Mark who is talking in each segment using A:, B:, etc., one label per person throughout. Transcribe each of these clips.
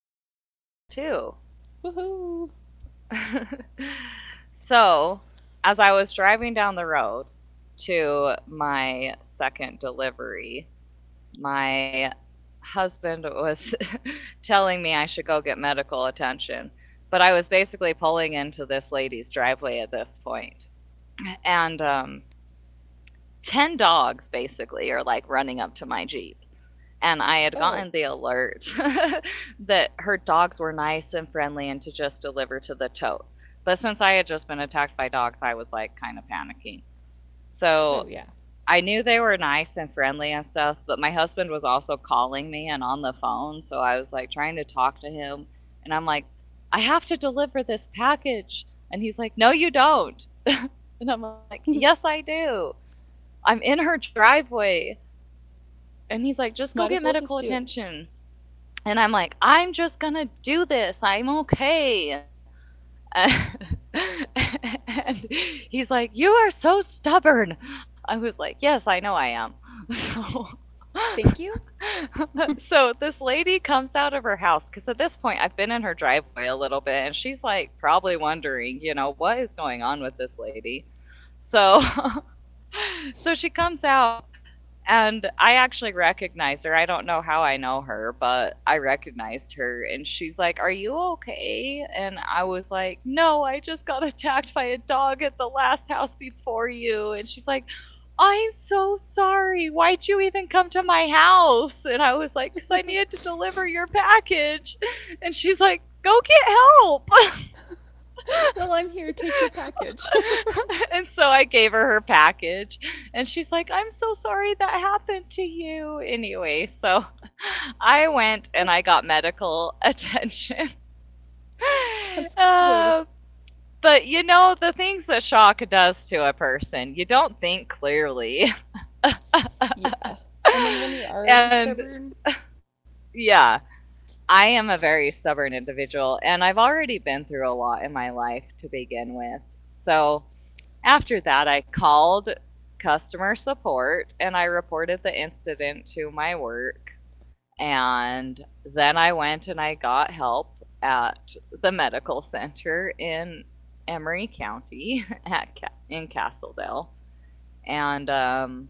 A: for take number two.
B: Woohoo!
A: so, as I was driving down the road to my second delivery, my husband was telling me I should go get medical attention. But I was basically pulling into this lady's driveway at this point. And 10 dogs basically are like running up to my Jeep. And I had gotten
B: Oh,
A: the alert that her dogs were nice and friendly and to just deliver to the tote. But since I had just been attacked by dogs, I was like kind of panicking.
B: oh
A: So
B: yeah.
A: I knew they were nice and friendly and stuff, but my husband was also calling me and on the phone. So I was like trying to talk to him. And I'm like, I have to deliver this package. And he's like, no, you don't. And I'm like, yes, I do. I'm in her driveway. And he's like, just go get
B: Might as well
A: medical
B: just do it.
A: attention. And I'm like, I'm just gonna do this. I'm okay. Uh, and he's like, you are so stubborn. I was like, yes, I know I am. So.
B: Thank you.
A: So this lady comes out of her house because at this point I've been in her driveway a little bit and she's like probably wondering, you know, what is going on with this lady. So so she comes out and I actually recognize her. I don't know how I know her, but I recognized her. And she's like, are you okay? And I was like, no, I just got attacked by a dog at the last house before you. And she's like, I'm so sorry. Why'd you even come to my house? And I was like, because I needed to deliver your package. And she's like, go get help.
B: Well, I'm here. Take your package.
A: and so I gave her her package, and she's like, I'm so sorry that happened to you. Anyway, so I went
B: that's
A: and I got medical attention.
B: that's good.
A: Uh, but you know, the things that shock does to a person, you don't think clearly.
B: Yeah. And then when you're already
A: and
B: stubborn,
A: yeah, I am a very stubborn individual, and I've already been through a lot in my life to begin with. So after that, I called customer support and I reported the incident to my work. And then I went and I got help at the medical center in Emery County at in Castledale. And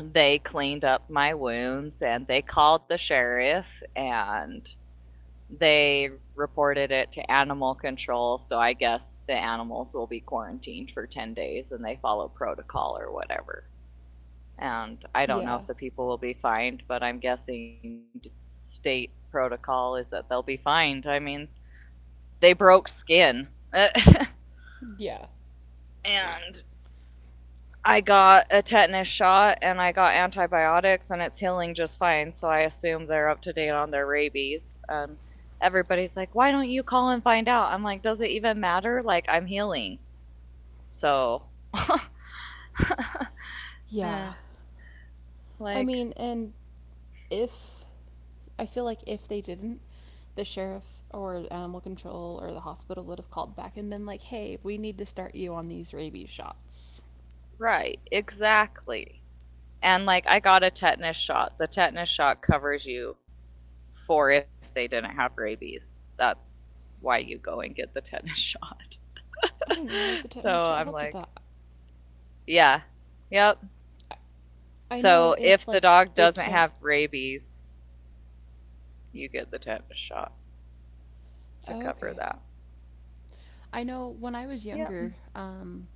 A: They cleaned up my wounds and they called the sheriff and they reported it to animal control, so I guess the animals will be quarantined for 10 days and they follow protocol or whatever. And I don't know
B: yeah.
A: if the people will be fined, but I'm guessing state protocol is that they'll be fined. I mean, they broke skin. and
B: Yeah.
A: I got a tetanus shot and I got antibiotics and it's healing just fine. So I assume they're up to date on their rabies. And everybody's like, why don't you call and find out? I'm like, does it even matter? Like, I'm healing. So,
B: Yeah.
A: eh,
B: I
A: like,
B: mean, and if I feel like if they didn't, the sheriff or animal control or the hospital would have called back and been like, "Hey, we need to start you on these rabies shots."
A: right, exactly. And like, I got a tetanus shot. The tetanus shot covers you for if they didn't have rabies. That's why you go and get the tetanus shot.
B: I didn't realize the
A: so
B: tetanus shot
A: I'm
B: helped with
A: like,
B: that.
A: yeah, yep.
B: I, I know
A: So
B: if
A: if the
B: like
A: dog
B: they
A: doesn't
B: can't.
A: have rabies, you get the tetanus shot to
B: Oh,
A: cover
B: okay.
A: that.
B: I know when I was
A: Yep.
B: younger,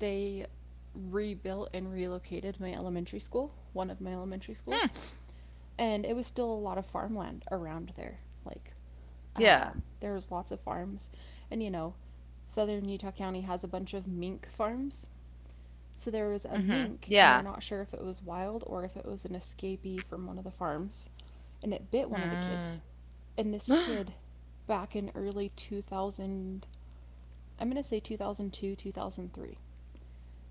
B: they rebuilt and relocated my elementary school, one of my elementary
A: Hmm.
B: schools, and it was still a lot of farmland around there. Like,
A: Yeah.
B: there was lots of farms, and southern Utah County has a bunch of mink farms. So there was a
A: Mm-hmm.
B: mink, and they're
A: Yeah.
B: not sure if it was wild or if it was an escapee from one of the farms, and it bit one of the kids.
A: Mm.
B: And this kid, back in early 2000, I'm gonna say 2002, 2003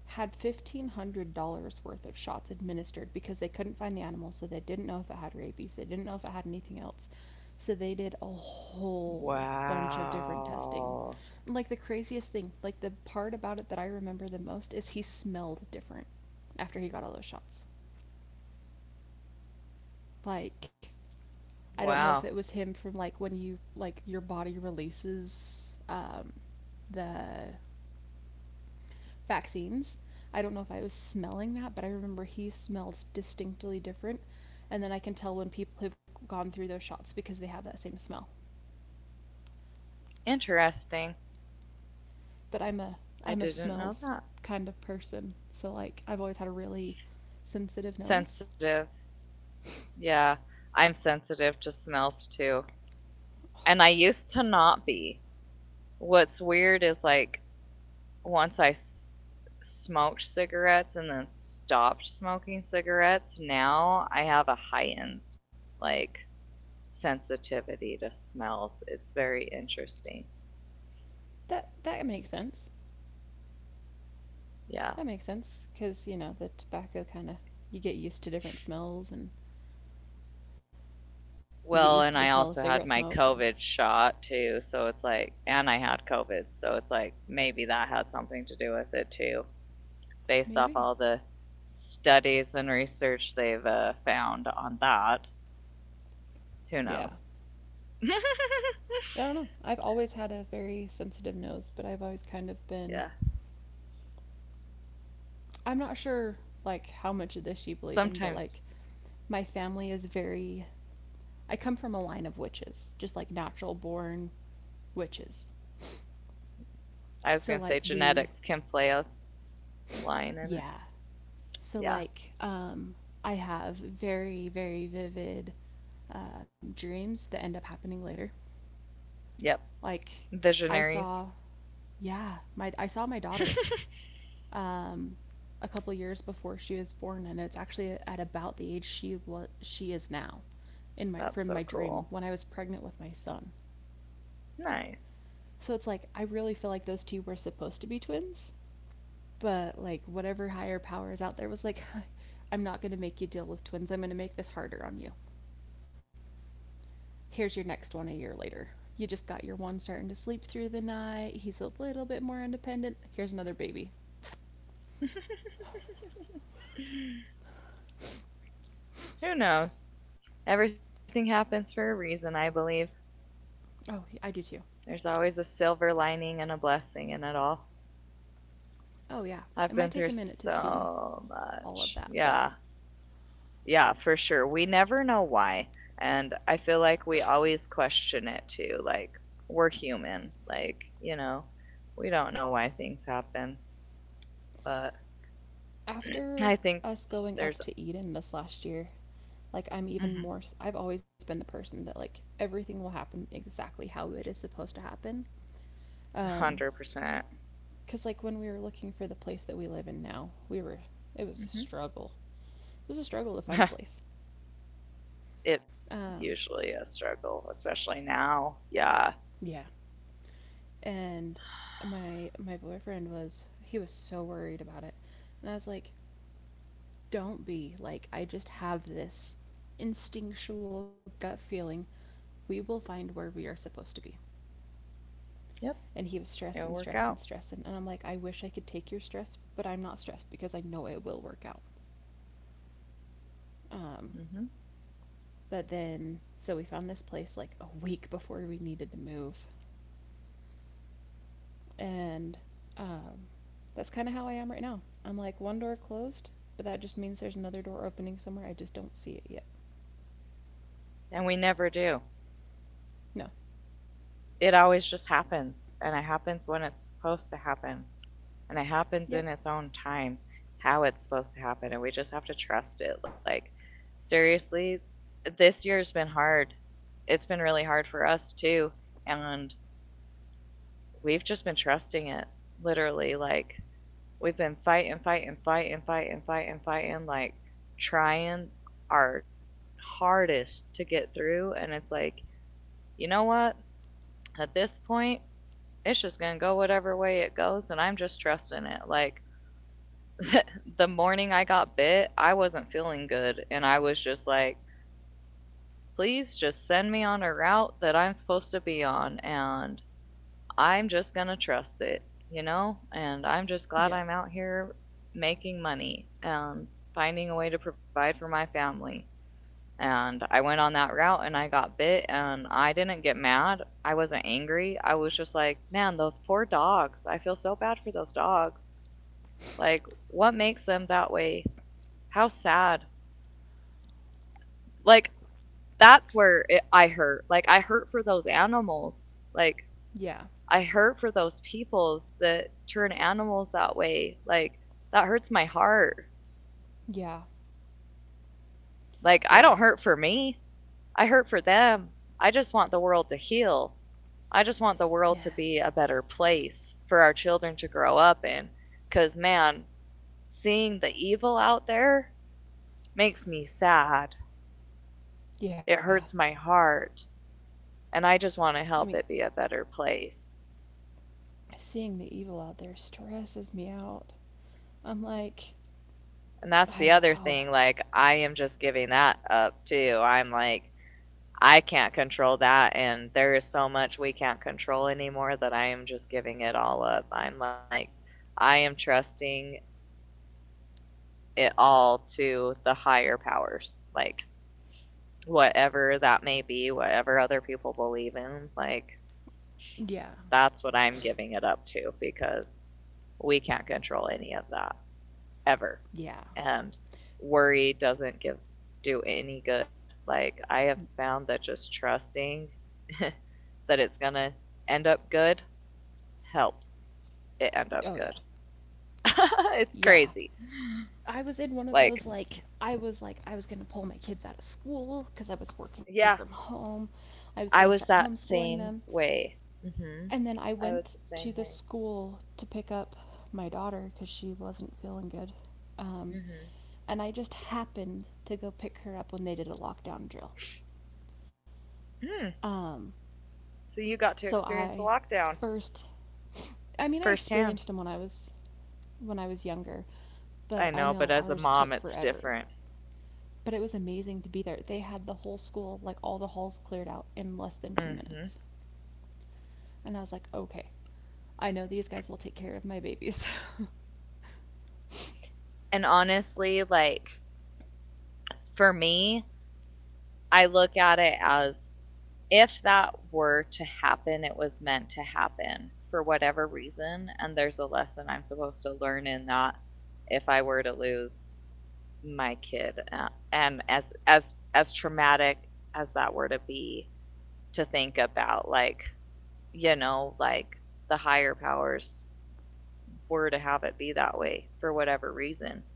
B: had $1,500 worth of shots administered because they couldn't find the animal, so they didn't know if it had rabies, they didn't know if it had anything else. So they did a whole bunch of different testing.
A: wow.
B: And, like the craziest thing, like the part about it that I remember the most is he smelled different after he got all those shots. Like, I don't know if it
A: Wow.
B: was him from like when you like your body releases the vaccines. I don't know if I was smelling that, but I remember he smelled distinctly different. And then I can tell when people have gone through those shots because they have that same smell.
A: Interesting.
B: But I'm a
A: I didn't
B: smells
A: know that.
B: kind of person. So like I've always had a really sensitive nose.
A: Sensitive. Yeah. I'm sensitive to smells too. And I used to not be. What's weird is like once I s- smoked cigarettes and then stopped smoking cigarettes, now I have a heightened like sensitivity to smells. It's very interesting.
B: That makes sense.
A: Yeah.
B: That makes sense cuz the tobacco kind of you get used to different smells and you get used to
A: Well,
B: the
A: and
B: smell
A: I
B: of
A: also
B: cigarette
A: had
B: smoke
A: my
B: and
A: COVID shot too, so it's like, and I had COVID, so it's like maybe that had something to do with it too, based off
B: maybe.
A: all the studies and research they've found on that. Who
B: Yeah.
A: knows?
B: I don't know. I've always had a very sensitive nose, but I've always kind of been.
A: yeah,
B: I'm not sure like how much of this you believe in, but like
A: sometimes.
B: my family is very. I come from a line of witches, just like natural born witches.
A: I was
B: So
A: going to
B: like
A: say
B: the
A: genetics can play a line in
B: yeah.
A: it.
B: So
A: Yeah.
B: like I have very very vivid dreams that end up happening later.
A: Yep.
B: Like I saw
A: Visionaries.
B: yeah, my I saw my daughter um, a couple years before she was born, and it's actually at about the age she is now, in my from my
A: That's so
B: dream when I was
A: cool.
B: pregnant with my son.
A: Nice.
B: So it's like I really feel like those two were supposed to be twins, but like whatever higher power is out there was like, I'm not gonna make you deal with twins. I'm gonna make this harder on you. Here's your next one a year later. You just got your one starting to sleep through the night. He's a little bit more independent. Here's another baby.
A: Who knows? Everything happens for a reason, I believe.
B: Oh, I do too.
A: There's always a silver lining and a blessing in it all.
B: Oh yeah. It
A: I've
B: might
A: been
B: take a
A: through
B: minute to see
A: so
B: all of
A: much.
B: that. But
A: Yeah. Yeah, for sure. We never know why. And I feel like we always question it too. Like, we're human. Like, you know, we don't know why things happen. But
B: after
A: I think
B: us going
A: there's
B: up to Eden this last year, like I'm even
A: mhm,
B: more I've always been the person that like everything will happen exactly how it is supposed to happen.
A: a
B: Um
A: 100%.
B: cuz like when we were looking for the place that we live in now, we were it was a
A: Hmm.
B: struggle. It was a struggle to find a place.
A: it's
B: Um
A: usually a struggle, especially now. Yeah.
B: yeah. And my boyfriend was so worried about it. And I was like, "Don't be. Like I just have this instinctual gut feeling We will find where we are supposed to be.
A: Yep.
B: And he was
A: It'll
B: stressed and
A: work
B: stressed
A: out.
B: and stressing. And I'm like, I wish I could take your stress, but I'm not stressed because I know it will work out. Um,
A: Hmm.
B: but then, so we found this place like a week before we needed to move. And um, that's kind of how I am right now. I'm like, one door closed, but that just means there's another door opening somewhere. I just don't see it yet.
A: And we never do.
B: No.
A: It always just happens. And it happens when it's supposed to happen. And it
B: Yep.
A: happens in its own time how it's supposed to happen and we just have to trust it. Like, seriously, this year's been hard. It's been really hard for us too. And we've just been trusting it, literally. Like, we've been fighting, fighting, fighting, fighting, fighting, fighting, like, trying our hardest to get through and it's like, you know what, at this point it's just gonna go whatever way it goes and I'm just trusting it. Like, the morning I got bit, I wasn't feeling good. And I was just like, please just send me on a route that I'm supposed to be on. And I'm just going to trust it, you know? And I'm just glad
B: Yeah.
A: I'm out here making money and finding a way to provide for my family. And I went on that route and I got bit and I didn't get mad. I wasn't angry. I was just like, man, those poor dogs. I feel so bad for those dogs. Like, what makes them that way? How sad. Like, that's where I hurt. Like, I hurt for those animals. Like,
B: Yeah.
A: I hurt for those people that turn animals that way. Like, that hurts my heart.
B: Yeah.
A: Like, I don't
B: Yeah.
A: hurt for me, I hurt for them. I just want the world to heal. I just want the world to
B: Yes.
A: be a better place for our children to grow up in. Because, man, seeing the evil out there makes me sad.
B: Yeah.
A: It hurts my heart. And I just want to
B: I mean,
A: help it be a better place.
B: seeing the evil out there stresses me out. I'm like,
A: And that's the other
B: oh,
A: thing. Like, I am just giving that up too. I'm like, I can't control that. And there is so much we can't control anymore that I am just giving it all up. I'm like, I am trusting it all to the higher powers. Like, whatever that may be, whatever other people believe in, like,
B: yeah,
A: that's what I'm giving it up to because we can't control any of that. Ever.
B: yeah,
A: And worry doesn't give do any good. Like I have found that just trusting that it's going to end up good helps it end up
B: oh,
A: good.
B: yeah,
A: it's
B: yeah.
A: crazy.
B: I was in one of
A: Like
B: those, like, I was gonna pull my kids out of school because I was working from
A: yeah,
B: home. I was gonna
A: I
B: start
A: was that
B: homeschooling them.
A: same way. Mhm.
B: And then I
A: I was
B: went
A: the
B: to
A: same
B: the
A: way.
B: school to pick up my daughter because she wasn't feeling good. Um,
A: Mhm.
B: and I just happened to go pick her up when they did a lockdown drill.
A: Hmm.
B: Um,
A: So you got to
B: so
A: experience the
B: I
A: lockdown
B: first, I mean, I
A: firsthand.
B: experienced them when I was younger, but
A: I
B: I
A: know, but
B: know
A: as a
B: ours
A: mom
B: took
A: it's
B: forever.
A: different.
B: But it was amazing to be there. They had the whole school, like all the halls cleared out in less than two
A: Mhm.
B: minutes. And I was like, okay, I know these guys will take care of my babies.
A: And honestly, like for me, I look at it as, if that were to happen, it was meant to happen for whatever reason. And there's a lesson I'm supposed to learn in that if I were to lose my kid. And as traumatic as that were to be, to think about, like, you know, like the higher powers were to have it be that way for whatever reason.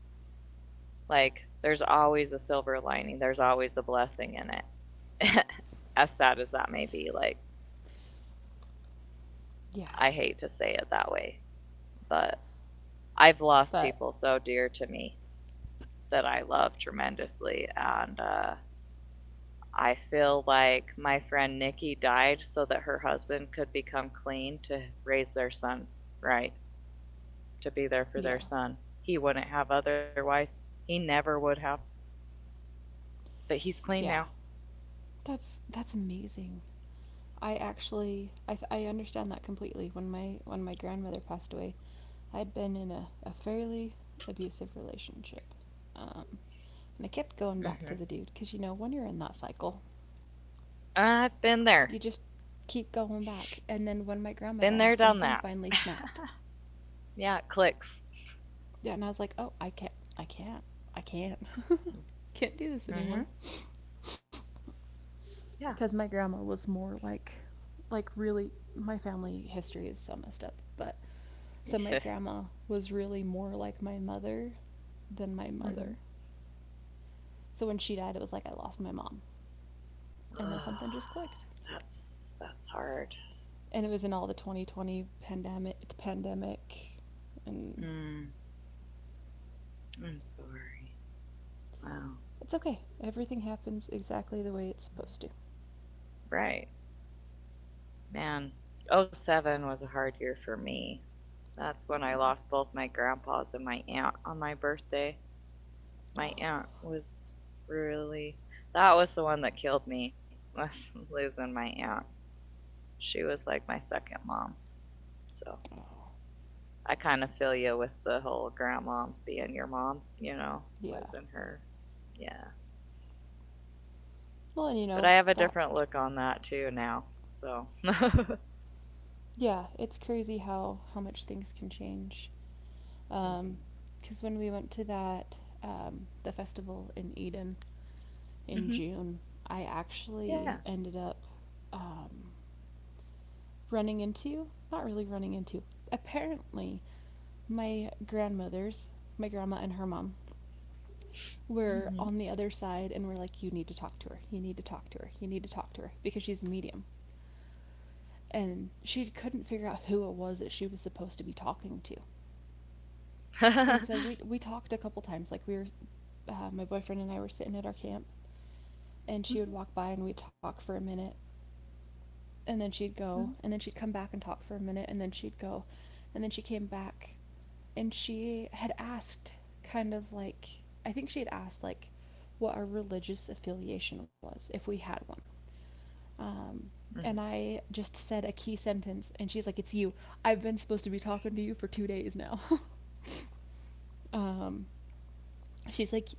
A: Like, there's always a silver lining, there's always a blessing in it. as sad as that may be, like,
B: yeah,
A: I hate to say it that way, but I've lost
B: but
A: people so dear to me that I love tremendously, and I feel like my friend Nikki died so that her husband could become clean to raise their son right, to be there for their
B: yeah,
A: son. He wouldn't have otherwise. He never would have, but he's clean now.
B: yeah. That's amazing. I actually I understand that completely. When my grandmother passed away, I'd been in a fairly abusive relationship. Um, and I kept
A: Mm-hmm.
B: going back to the dude because you know when you're in that cycle,
A: I've
B: you just keep going back. And then when my
A: been
B: grandma
A: there, done
B: died,
A: that.
B: something finally snapped.
A: Yeah, it clicks.
B: Yeah, and I was like, oh, I can't, I can't, can't do this
A: Mm-hmm.
B: anymore.
A: Yeah.
B: Because my grandma was more like really, my family history is so messed up. But so my grandma was really more like my mother than my
A: mm-hmm.
B: mother. So when she died, it was like I lost my mom, and
A: Ugh,
B: then something just clicked.
A: that's hard.
B: And it was in all the 2020 pandemic, and
A: Mm, I'm sorry. Wow.
B: It's okay. Everything happens exactly the way it's supposed to.
A: Right. Man, oh, seven was a hard year for me. That's when I lost both my grandpas and my aunt on my birthday. My
B: Oh.
A: aunt was really, that was the one that killed me was losing my aunt. She was like my second mom. So
B: Oh.
A: I kind of feel you with the whole grandma being your mom, you know,
B: Yeah.
A: losing her. Yeah.
B: Well, and you
A: But I
B: know,
A: have a
B: back.
A: different look on that too now. So.
B: Yeah, it's crazy how much things can change. Um, because when we went to that the festival in Eden in
A: hmm.
B: June, I
A: Yeah.
B: actually ended up um running into, not really running into, apparently my grandmother's my grandma and her mom we're
A: Hmm.
B: on the other side and we're like, you need to talk to her. You need to talk to her. You need to talk to her because she's a medium. And she couldn't figure out who it was that she was supposed to be talking to. And so we talked a couple times. Like, my boyfriend and I were sitting at our camp, and she would walk by and we'd talk for a minute, and then she'd go, and then she'd come back and talk for a minute, and then she'd go, and then she came back, and she had asked kind of like I think she had asked like what our religious affiliation was if we had one. Um, and I just said a key sentence, and she's like, It's you. I've been supposed to be talking to you for 2 days now. um, she's like,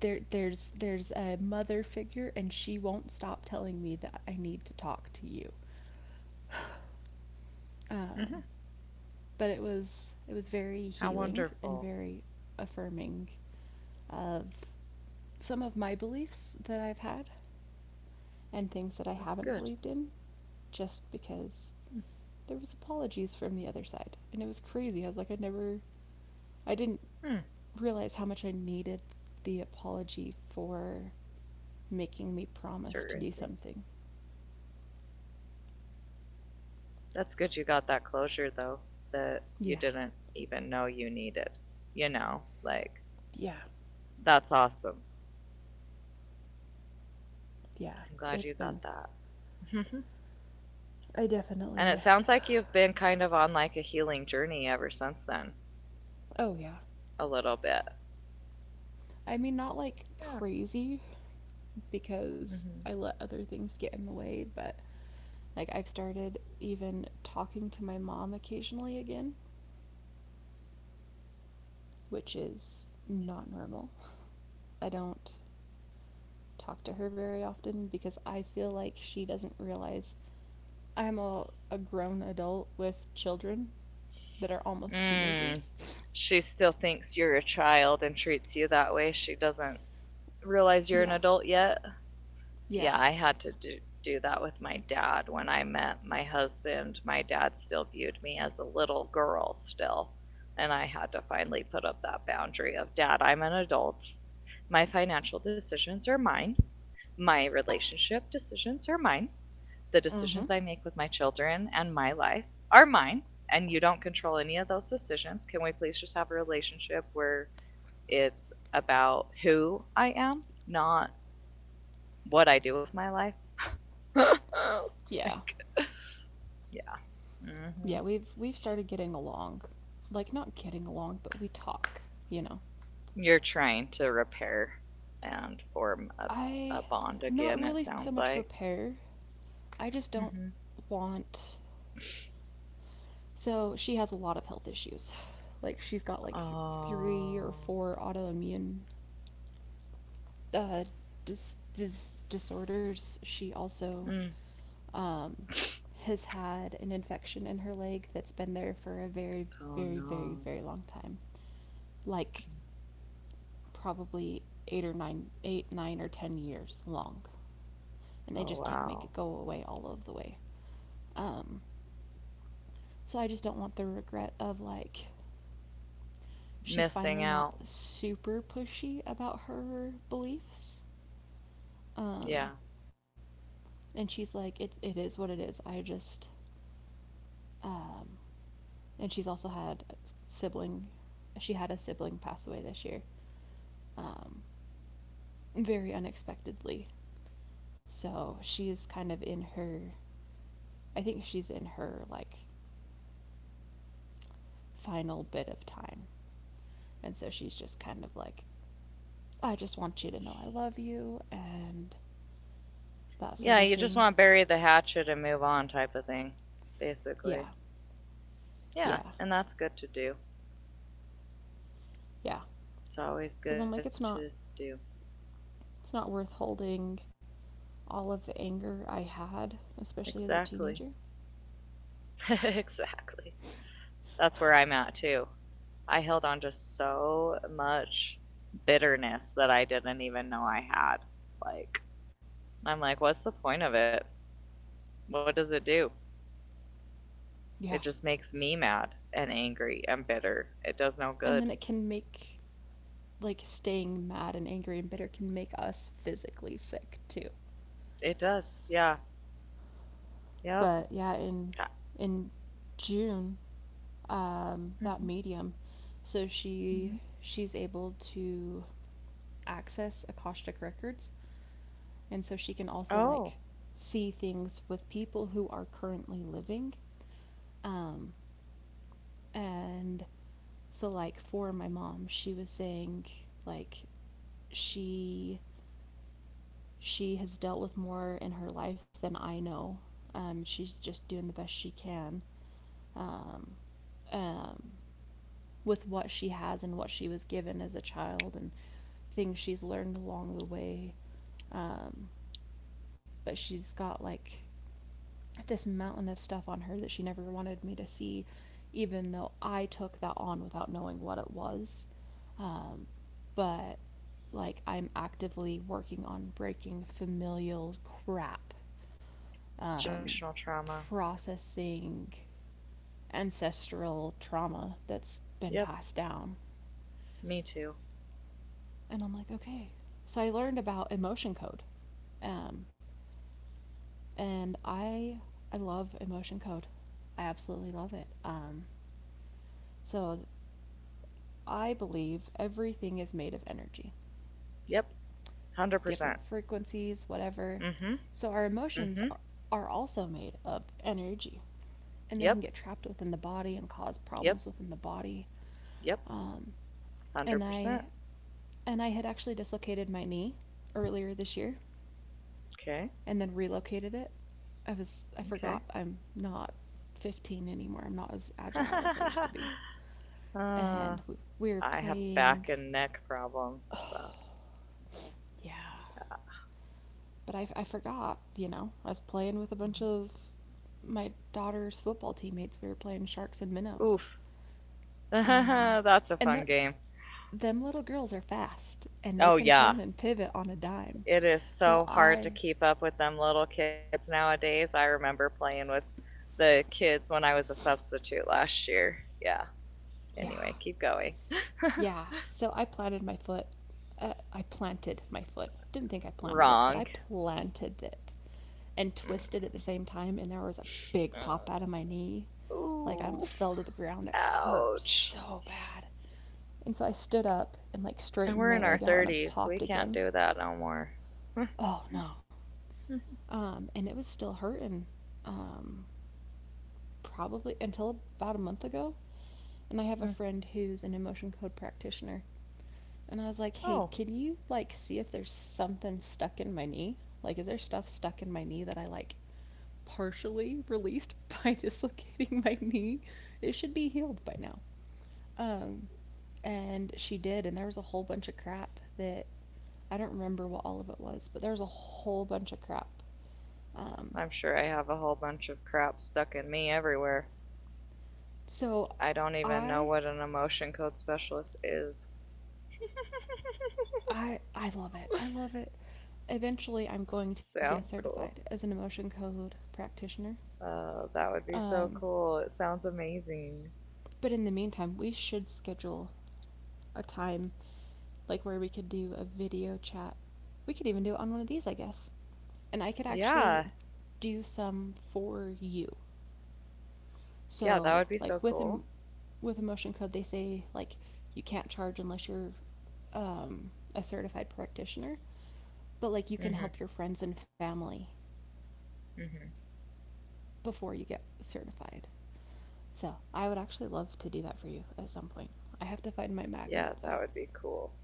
B: there's a mother figure and she won't stop telling me that I need to talk to you. Um, but it was very
A: How
B: healing and
A: wonderful.
B: very affirming of some of my beliefs that I've had and things that
A: That's
B: I
A: good.
B: haven't believed in just because there was apologies from the other side, and it was crazy. I was like, I never, I didn't
A: Mhm.
B: realize how much I needed the apology for making me promise to
A: Certain
B: do
A: things.
B: something.
A: That's good you got that closure though that you
B: Yeah,
A: didn't even know you needed. You know, like
B: yeah,
A: that's awesome.
B: yeah.
A: I'm glad you
B: It's
A: got
B: been.
A: that. Mm-hmm.
B: I
A: And it
B: definitely.
A: sounds like you've been kind of on like a healing journey ever since then,
B: Oh yeah.
A: a little bit.
B: I mean, not like
A: Yeah.
B: crazy because
A: Hmm.
B: I let other things get in the way, but like I've started even talking to my mom occasionally again, which is not normal. I don't talk to her very often because I feel like she doesn't realize I'm a grown adult with children that are almost
A: Mm.
B: teenagers.
A: She still thinks you're a child and treats you that way. She doesn't realize you're an
B: Yeah.
A: adult yet.
B: Yeah.
A: Yeah, I had to do that with my dad when I met my husband. My dad still viewed me as a little girl, still. And I had to finally put up that boundary of, Dad, I'm an adult. My financial decisions are mine. My relationship decisions are mine. The
B: Mm-hmm.
A: decisions I make with my children and my life are mine. And you don't control any of those decisions. Can we please just have a relationship where it's about who I am, not what I do with my life?
B: Yeah.
A: like, yeah.
B: Yeah,
A: hmm
B: we've started getting along. Like not getting along, but we talk, you know.
A: You're trying to repair and form a
B: I
A: bond
B: not
A: again, it
B: really so
A: sounds
B: much
A: like.
B: repair. I just don't
A: Mm-hmm.
B: want so she has a lot of health issues. Like she's got like three or
A: Oh.
B: four autoimmune uh, disorders, she also
A: hmm
B: um, has had an infection in her leg that's been there for a very,
A: Oh
B: very, very,
A: no.
B: very long time. Like
A: Mm.
B: probably 8 or 9, 8, 9 or 10 years long, and they
A: Oh
B: just can't make it
A: wow.
B: go away all of the way. Um, so I just don't want the regret of like she's finally
A: Missing
B: not
A: out.
B: super pushy about her beliefs. Um,
A: Yeah.
B: and she's like, it is what it is. I just. Um, and she's also had a sibling. She had a sibling pass away this year, um, very unexpectedly. So she is kind of in her. I think she's in her like final bit of time, and so she's just kind of like, I just want you to know I love you and that sort
A: Yeah,
B: of
A: you just
B: thing.
A: want to bury the hatchet and move on type of thing, basically.
B: Yeah,
A: Yeah,
B: yeah,
A: and that's good to do.
B: yeah.
A: It's always
B: Because
A: good
B: I'm like,
A: to do.
B: it's not worth holding all of the anger I had, especially as a
A: Exactly.
B: teenager.
A: exactly. That's where I'm at too. I held on to so much bitterness that I didn't even know I had. Like, I'm like, what's the point of it? What does it do? It just
B: Yeah,
A: makes me mad and angry and bitter. It does no good.
B: and then it can make like staying mad and angry and bitter can make us physically sick too.
A: It does. Yeah. Yep.
B: But yeah, in June,
A: Mm-hmm.
B: that medium, so
A: Mm-hmm.
B: she's able to access Akashic records, and so she can also
A: Oh,
B: like see things with people who are currently living. Um, and so like for my mom, she was saying like she she has dealt with more in her life than I know. She's just doing the best she can um, um, with what she has and what she was given as a child and things she's learned along the way. Um, but she's got like this mountain of stuff on her that she never wanted me to see, even though I took that on without knowing what it was. Um, but like I'm actively working on breaking familial crap, um,
A: generational trauma.
B: processing ancestral trauma that's been
A: Yep.
B: passed down.
A: Me too.
B: And I'm like, okay. So I learned about emotion code. Um, and I love emotion code. I absolutely love it. So I believe everything is made of energy,
A: Yep.
B: different
A: 100%.
B: frequencies, whatever.
A: Mm hmm.
B: So our
A: Mm hmm.
B: are also made of energy, and they can
A: Yep.
B: get trapped within the body and cause
A: Yep.
B: problems within the body.
A: Yep.
B: Um, and I
A: 100%.
B: and I had actually dislocated my knee earlier this year,
A: Okay.
B: and then relocated it. I
A: Okay.
B: forgot I'm not 15 anymore. I'm not as agile as I used to be. And
A: uh,
B: we were
A: I have
B: playing,
A: back and neck problems. About
B: yeah.
A: that.
B: But I forgot, you know, I was playing with a bunch of my daughter's football teammates. We were playing sharks and
A: Mm-hmm.
B: minnows.
A: Oof.
B: Um,
A: That's a
B: and
A: fun
B: that
A: game.
B: them little girls are fast and they
A: Oh,
B: can
A: yeah.
B: turn and pivot on a dime.
A: It is
B: Well,
A: so hard to
B: I,
A: keep up with them little kids nowadays. I remember playing with the kids when I was a substitute last year. Yeah.
B: yeah,
A: Anyway, keep going.
B: yeah. So I planted my foot. I planted my foot. Didn't think I planted it, but I
A: Wrong.
B: planted it and
A: Mm.
B: twisted at the same time. And there was a big pop
A: Uh,
B: out of my knee. Like
A: Ooh.
B: I almost fell to the ground. It hurt
A: Ouch.
B: so bad. And so I stood up and like
A: And
B: straightened
A: we're
B: my
A: in our
B: leg out and it
A: 30s.
B: popped
A: We can't
B: again.
A: do that no more.
B: Oh no. And it was still hurting um, probably until about a month ago. And I have a friend who's an emotion code practitioner. And I was like,
A: oh,
B: hey, can you like see if there's something stuck in my knee? Like, is there stuff stuck in my knee that I like partially released by dislocating my knee? It should be healed by now. Um, and she did. And there was a whole bunch of crap that I don't remember what all of it was, but there was a whole bunch of crap.
A: I'm
B: Um,
A: sure I have a whole bunch of crap stuck in me everywhere.
B: so
A: I don't even know
B: I
A: what an emotion code specialist is.
B: I I love it. I love it. Eventually, I'm going to get
A: Sounds
B: certified
A: cool.
B: as an emotion code practitioner.
A: Oh, that would be so
B: Um,
A: cool. It sounds amazing.
B: but in the meantime, we should schedule a time like where we could do a video chat. We could even do it on one of these, I guess. And I could actually
A: Yeah.
B: do some for you.
A: Yeah, that
B: So,
A: would be so cool.
B: with emotion code, they say like you can't charge unless you're a certified practitioner, but like you can
A: Mhm.
B: help your friends and family
A: Mhm.
B: before you get certified. So I would actually love to do that for you at some point. I have to find my magnet
A: Yeah,
B: though.
A: that would be cool.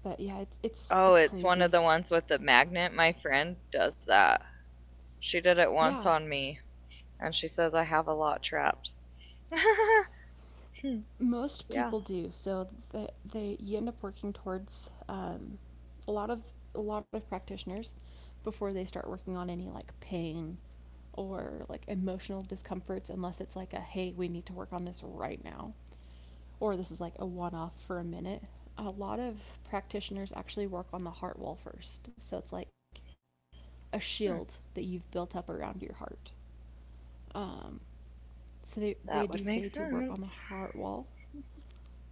B: But yeah, it's
A: Oh, it's one
B: crazy.
A: of the ones with the magnet. My friend does that. She did it
B: Yeah,
A: once on me, and she says I have a lot trapped. Hmm,
B: most people
A: yeah.
B: do. So they you end up working towards a lot of a lot of practitioners before they start working on any like pain or like emotional discomforts unless it's like a hey we need to work on this right now or this is like a one off for a minute, a lot of practitioners actually work on the heart wall first. So it's like a shield that
A: Hmm.
B: you've built up around your heart. Um, so they,
A: That
B: they
A: would
B: do
A: make
B: say to work on
A: sense.
B: the heart wall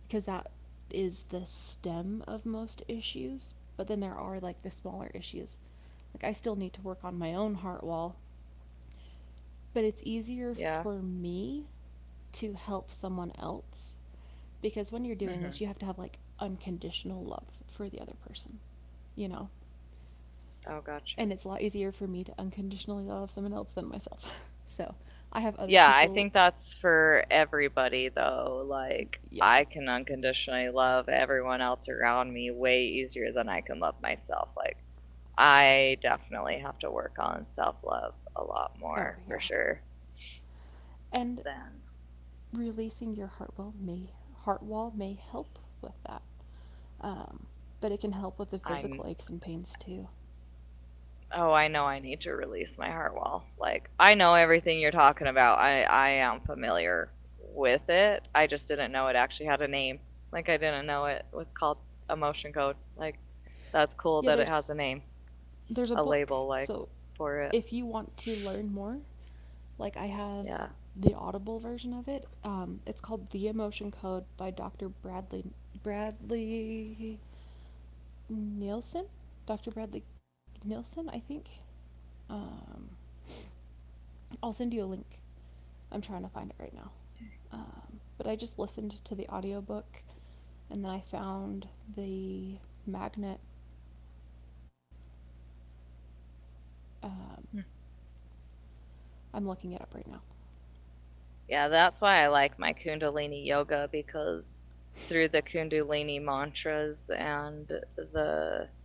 B: because that is the stem of most issues. But then there are like the smaller issues. Like I still need to work on my own heart wall, but it's easier
A: Yeah.
B: for me to help someone else because when you're doing
A: Mhm.
B: this you have to have like unconditional love for the other person, you know
A: Oh, got you.
B: and it's a lot easier for me to unconditionally love someone else than myself. So I have other
A: Yeah, I
B: people.
A: think that's for everybody though. Like, I
B: Yeah,
A: can unconditionally love everyone else around me way easier than I can love myself. Like, I definitely have to work on self love a lot
B: oh
A: more for
B: yeah.
A: sure
B: And
A: than
B: releasing your heart wall may help with that, um, but it can help with the physical
A: I'm.
B: aches and pains too.
A: Oh, I know I need to release my heart wall. Like, I know everything you're talking about. I am familiar with it. I just didn't know it actually had a name. Like, I didn't know it was called emotion code. Like, that's cool
B: Yeah,
A: that it has
B: there's
A: a name.
B: there's a
A: A
B: book,
A: label like
B: so
A: for it.
B: if you want to learn more. Like I have
A: Yeah.
B: the Audible version of it. It's called The Emotion Code by Dr. Bradley Nielsen. Dr. Bradley Nielsen, I think. Um, I'll send you a link. I'm trying to find it right now. But I just listened to the audiobook and then I found the magnet. Um,
A: Hmm.
B: I'm looking it up right now.
A: Yeah, that's why I like my Kundalini yoga because through the Kundalini mantras and the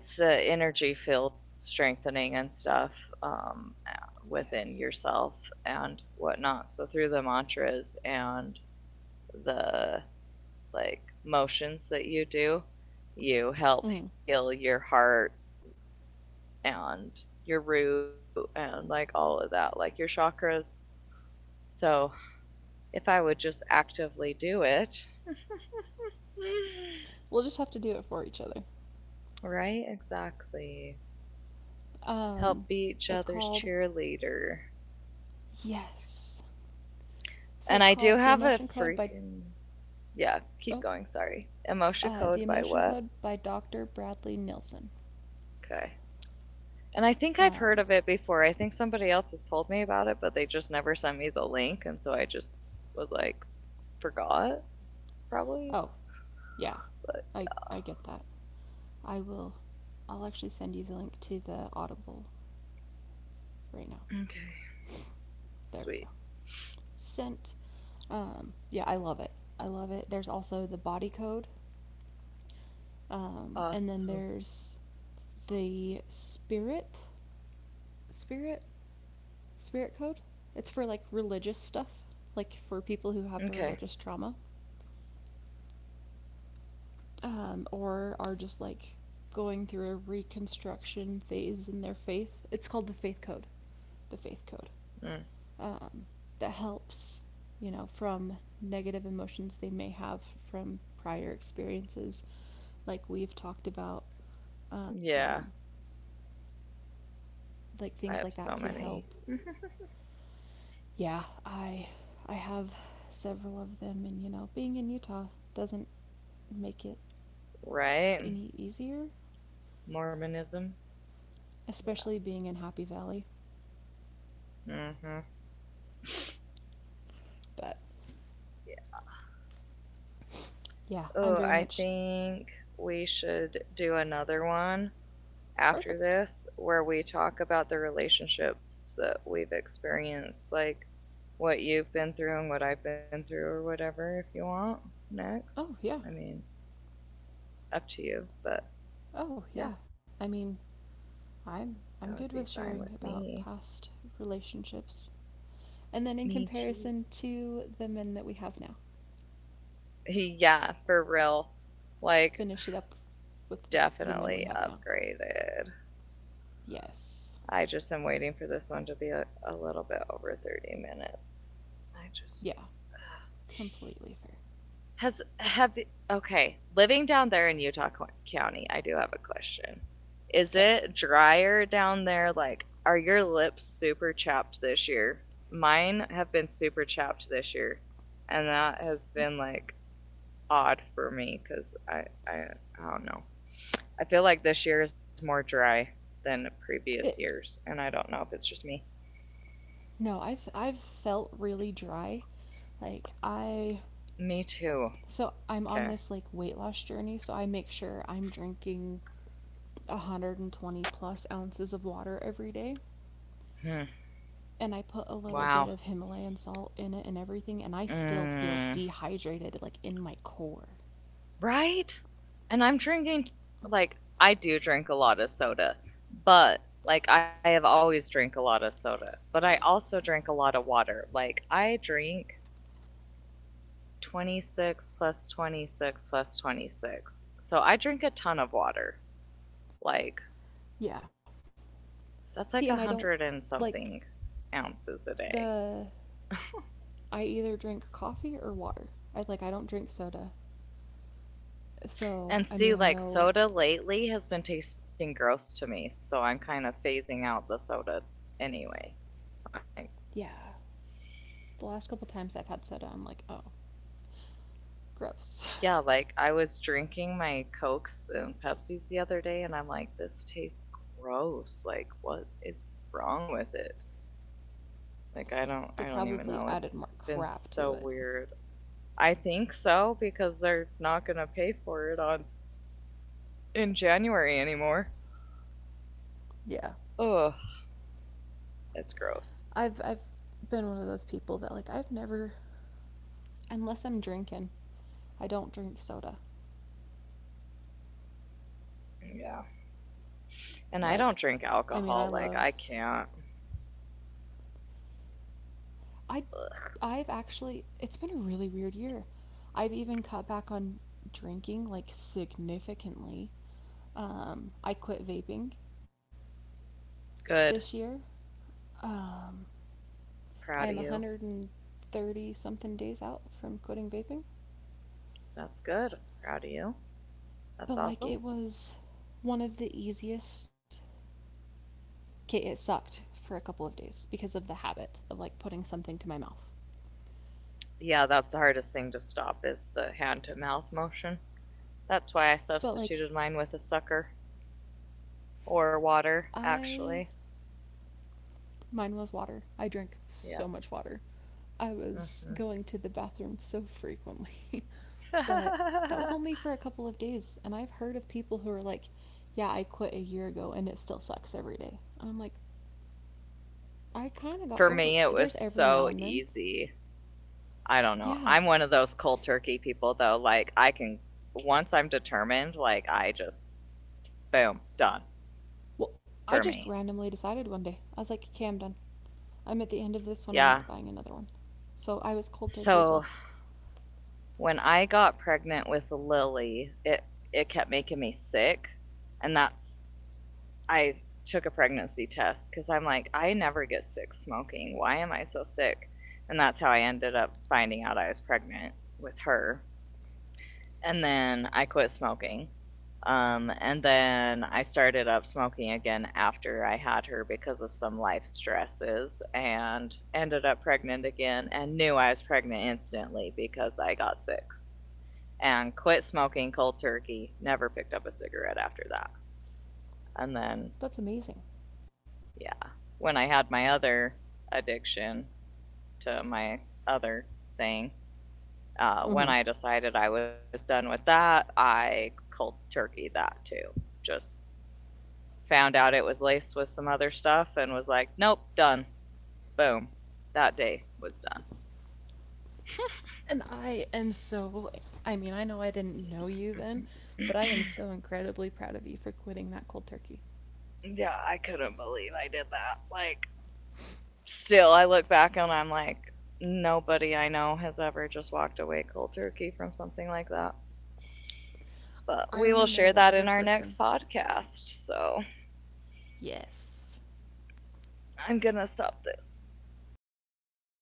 A: it's a energy field strengthening and stuff um,
B: Yes.
A: within yourself and whatnot. So through the mantras and the like motions that you do, you
B: Mm.
A: help heal your heart and your root and like all of that, like your chakras. So if I would just actively do it,
B: We'll just have to do it for each other.
A: right? Exactly.
B: Um,
A: Help be each
B: it's
A: other's
B: called,
A: cheerleader.
B: yes. So
A: And
B: it's
A: I do
B: called The
A: have a
B: Emotion Code by
A: freaking yeah. Keep
B: oh,
A: going. Sorry. Emotion
B: The
A: code by
B: Emotion
A: what?
B: Code by Dr. Bradley Nilsson.
A: Okay. And I think I've heard
B: Um,
A: of it before. I think somebody else has told me about it, but they just never sent me the link, and so I just was like, forgot probably.
B: oh, yeah.
A: But
B: I get that. I will I'll actually send you the link to the Audible right now.
A: okay,
B: There
A: sweet,
B: we go. Sent. Yeah, I love it. I love it. There's also the body code. And then
A: awesome.
B: there's the spirit spirit code. It's for like religious stuff, like for people who
A: Okay,
B: have a religious trauma. Or are just like going through a reconstruction phase in their faith. It's called the faith code,
A: Mm.
B: um, that helps you know from negative emotions they may have from prior experiences, like we've talked about,
A: Yeah,
B: um, like
A: I have
B: things like
A: so
B: that to
A: many.
B: help. Yeah, I have several of them, and you know, being in Utah doesn't make it
A: Right?
B: any easier,
A: Mormonism.
B: especially being in Happy Valley.
A: Mm-hmm.
B: But yeah,
A: Oh,
B: I'm very
A: I
B: much.
A: think we should do another one after
B: Perfect.
A: this where we talk about the relationships that we've experienced, like what you've been through and what I've been through, or whatever, if you want next. I
B: Oh yeah.
A: mean, up to you, but yeah,
B: Oh yeah. I mean, I'm
A: that
B: I'm
A: would
B: good
A: be
B: with
A: fine
B: sharing
A: with
B: about
A: me.
B: past relationships, and
A: Me
B: then in
A: too.
B: comparison to the men that we have now,
A: yeah, for real. Like,
B: finish it up with the
A: definitely
B: men we have now.
A: upgraded.
B: Yes.
A: I just am waiting for this one to be a little bit over 30 minutes. I just
B: Yeah. Completely fair.
A: has have okay, living down there in Utah County, I do have a question. Is
B: Okay.
A: it drier down there like are your lips super chapped this year? Mine have been super chapped this year, and that has been like odd for me cuz I I don't know. I feel like this year is more dry than previous
B: It.
A: years, and I don't know if it's just me.
B: No, I've felt really dry. Like I.
A: Me too.
B: So I'm on
A: Okay.
B: this like weight loss journey, so I make sure I'm drinking 120 plus ounces of water every day,
A: Hmm.
B: and I put a
A: Wow.
B: little bit of Himalayan salt in it and everything, and I still feel
A: Mm.
B: dehydrated, like in my core.
A: Right? And I'm drinking, like, I do drink a lot of soda, but, like, I have always drank a lot of soda, but I also drink a lot of water. Like, I drink 26 plus 26 plus 26. So I drink a ton of water. Like,
B: Yeah.
A: that's
B: See, and
A: like
B: I
A: a
B: don't
A: hundred and
B: like
A: something ounces a day.
B: the. I either drink coffee or water. I don't drink soda.
A: And
B: So I
A: see,
B: mean I
A: like soda
B: know.
A: lately has been tasting gross to me, so I'm kind of phasing out the soda anyway. So I'm like,
B: Yeah, the last couple times I've had soda, I'm like, oh, gross.
A: yeah, like I was drinking my Cokes and Pepsis the other day, and I'm like, this tastes gross. Like, what is wrong with it? Like, I don't
B: They
A: even know.
B: probably
A: It's
B: added more
A: been so
B: crap to it.
A: weird. I think so because they're not gonna pay for it on in January anymore.
B: Yeah.
A: Ugh, it's gross.
B: I've been one of those people that like I've never, unless I'm drinking, I don't drink soda.
A: Yeah. And I don't
B: Like
A: drink
B: I
A: alcohol.
B: love
A: Like, I can't.
B: I I've actually, it's been a really weird year. I've even cut back on drinking like significantly. I quit vaping
A: Good.
B: this year. Um,
A: Proud of
B: I am
A: you.
B: 130 something days out from quitting vaping,
A: That's good. Proud of you.
B: but
A: That's
B: like
A: awesome.
B: it was one of the easiest. Okay, it sucked for a couple of days because of the habit of like putting something to my mouth.
A: Yeah, that's the hardest thing to stop is the hand to mouth motion. That's why I
B: But
A: substituted
B: like
A: mine with a sucker or water,
B: I
A: actually.
B: mine was water. I drank so
A: Yep.
B: much water. I was
A: hmm
B: going to the bathroom so frequently. But that was only for a couple of days, and I've heard of people who are like, "Yeah, I quit a year ago and it still sucks every day." And I'm like, I kind of
A: For
B: got
A: me,
B: over
A: it
B: it.
A: was
B: There's every
A: so
B: now and then.
A: easy. I don't know.
B: Yeah.
A: I'm one of those cold turkey people, though. Like, I can, once I'm determined, like, I just, boom, done
B: Well,
A: for
B: I just
A: me.
B: randomly decided one day. I was like, "Okay, I'm done. I'm at the end of this
A: Yeah.
B: one. I'm not buying another one." So I was cold
A: So
B: turkey as well.
A: when I got pregnant with Lily, it kept making me sick, and that's I took a pregnancy test because I'm like I never get sick smoking. Why am I so sick? And that's how I ended up finding out I was pregnant with her. And then I quit smoking. And then I started up smoking again after I had her because of some life stresses and ended up pregnant again and knew I was pregnant instantly because I got sick and quit smoking cold turkey. Never picked up a cigarette after that. And then,
B: That's amazing.
A: yeah, when I had my other addiction to my other thing, when
B: Mm-hmm.
A: I decided I was done with that, I cold turkey that too. Just found out it was laced with some other stuff and was like, nope, done. Boom. That day was done.
B: And I am so, I mean, I know I didn't know you then, but I am so incredibly proud of you for quitting that cold turkey.
A: Yeah, I couldn't believe I did that. Like, still, I look back and I'm like, nobody I know has ever just walked away cold turkey from something like that. But
B: I
A: we will
B: only know
A: share that
B: one
A: in
B: other
A: our next
B: person.
A: podcast. So
B: Yes.
A: I'm going to stop this.
B: Okay.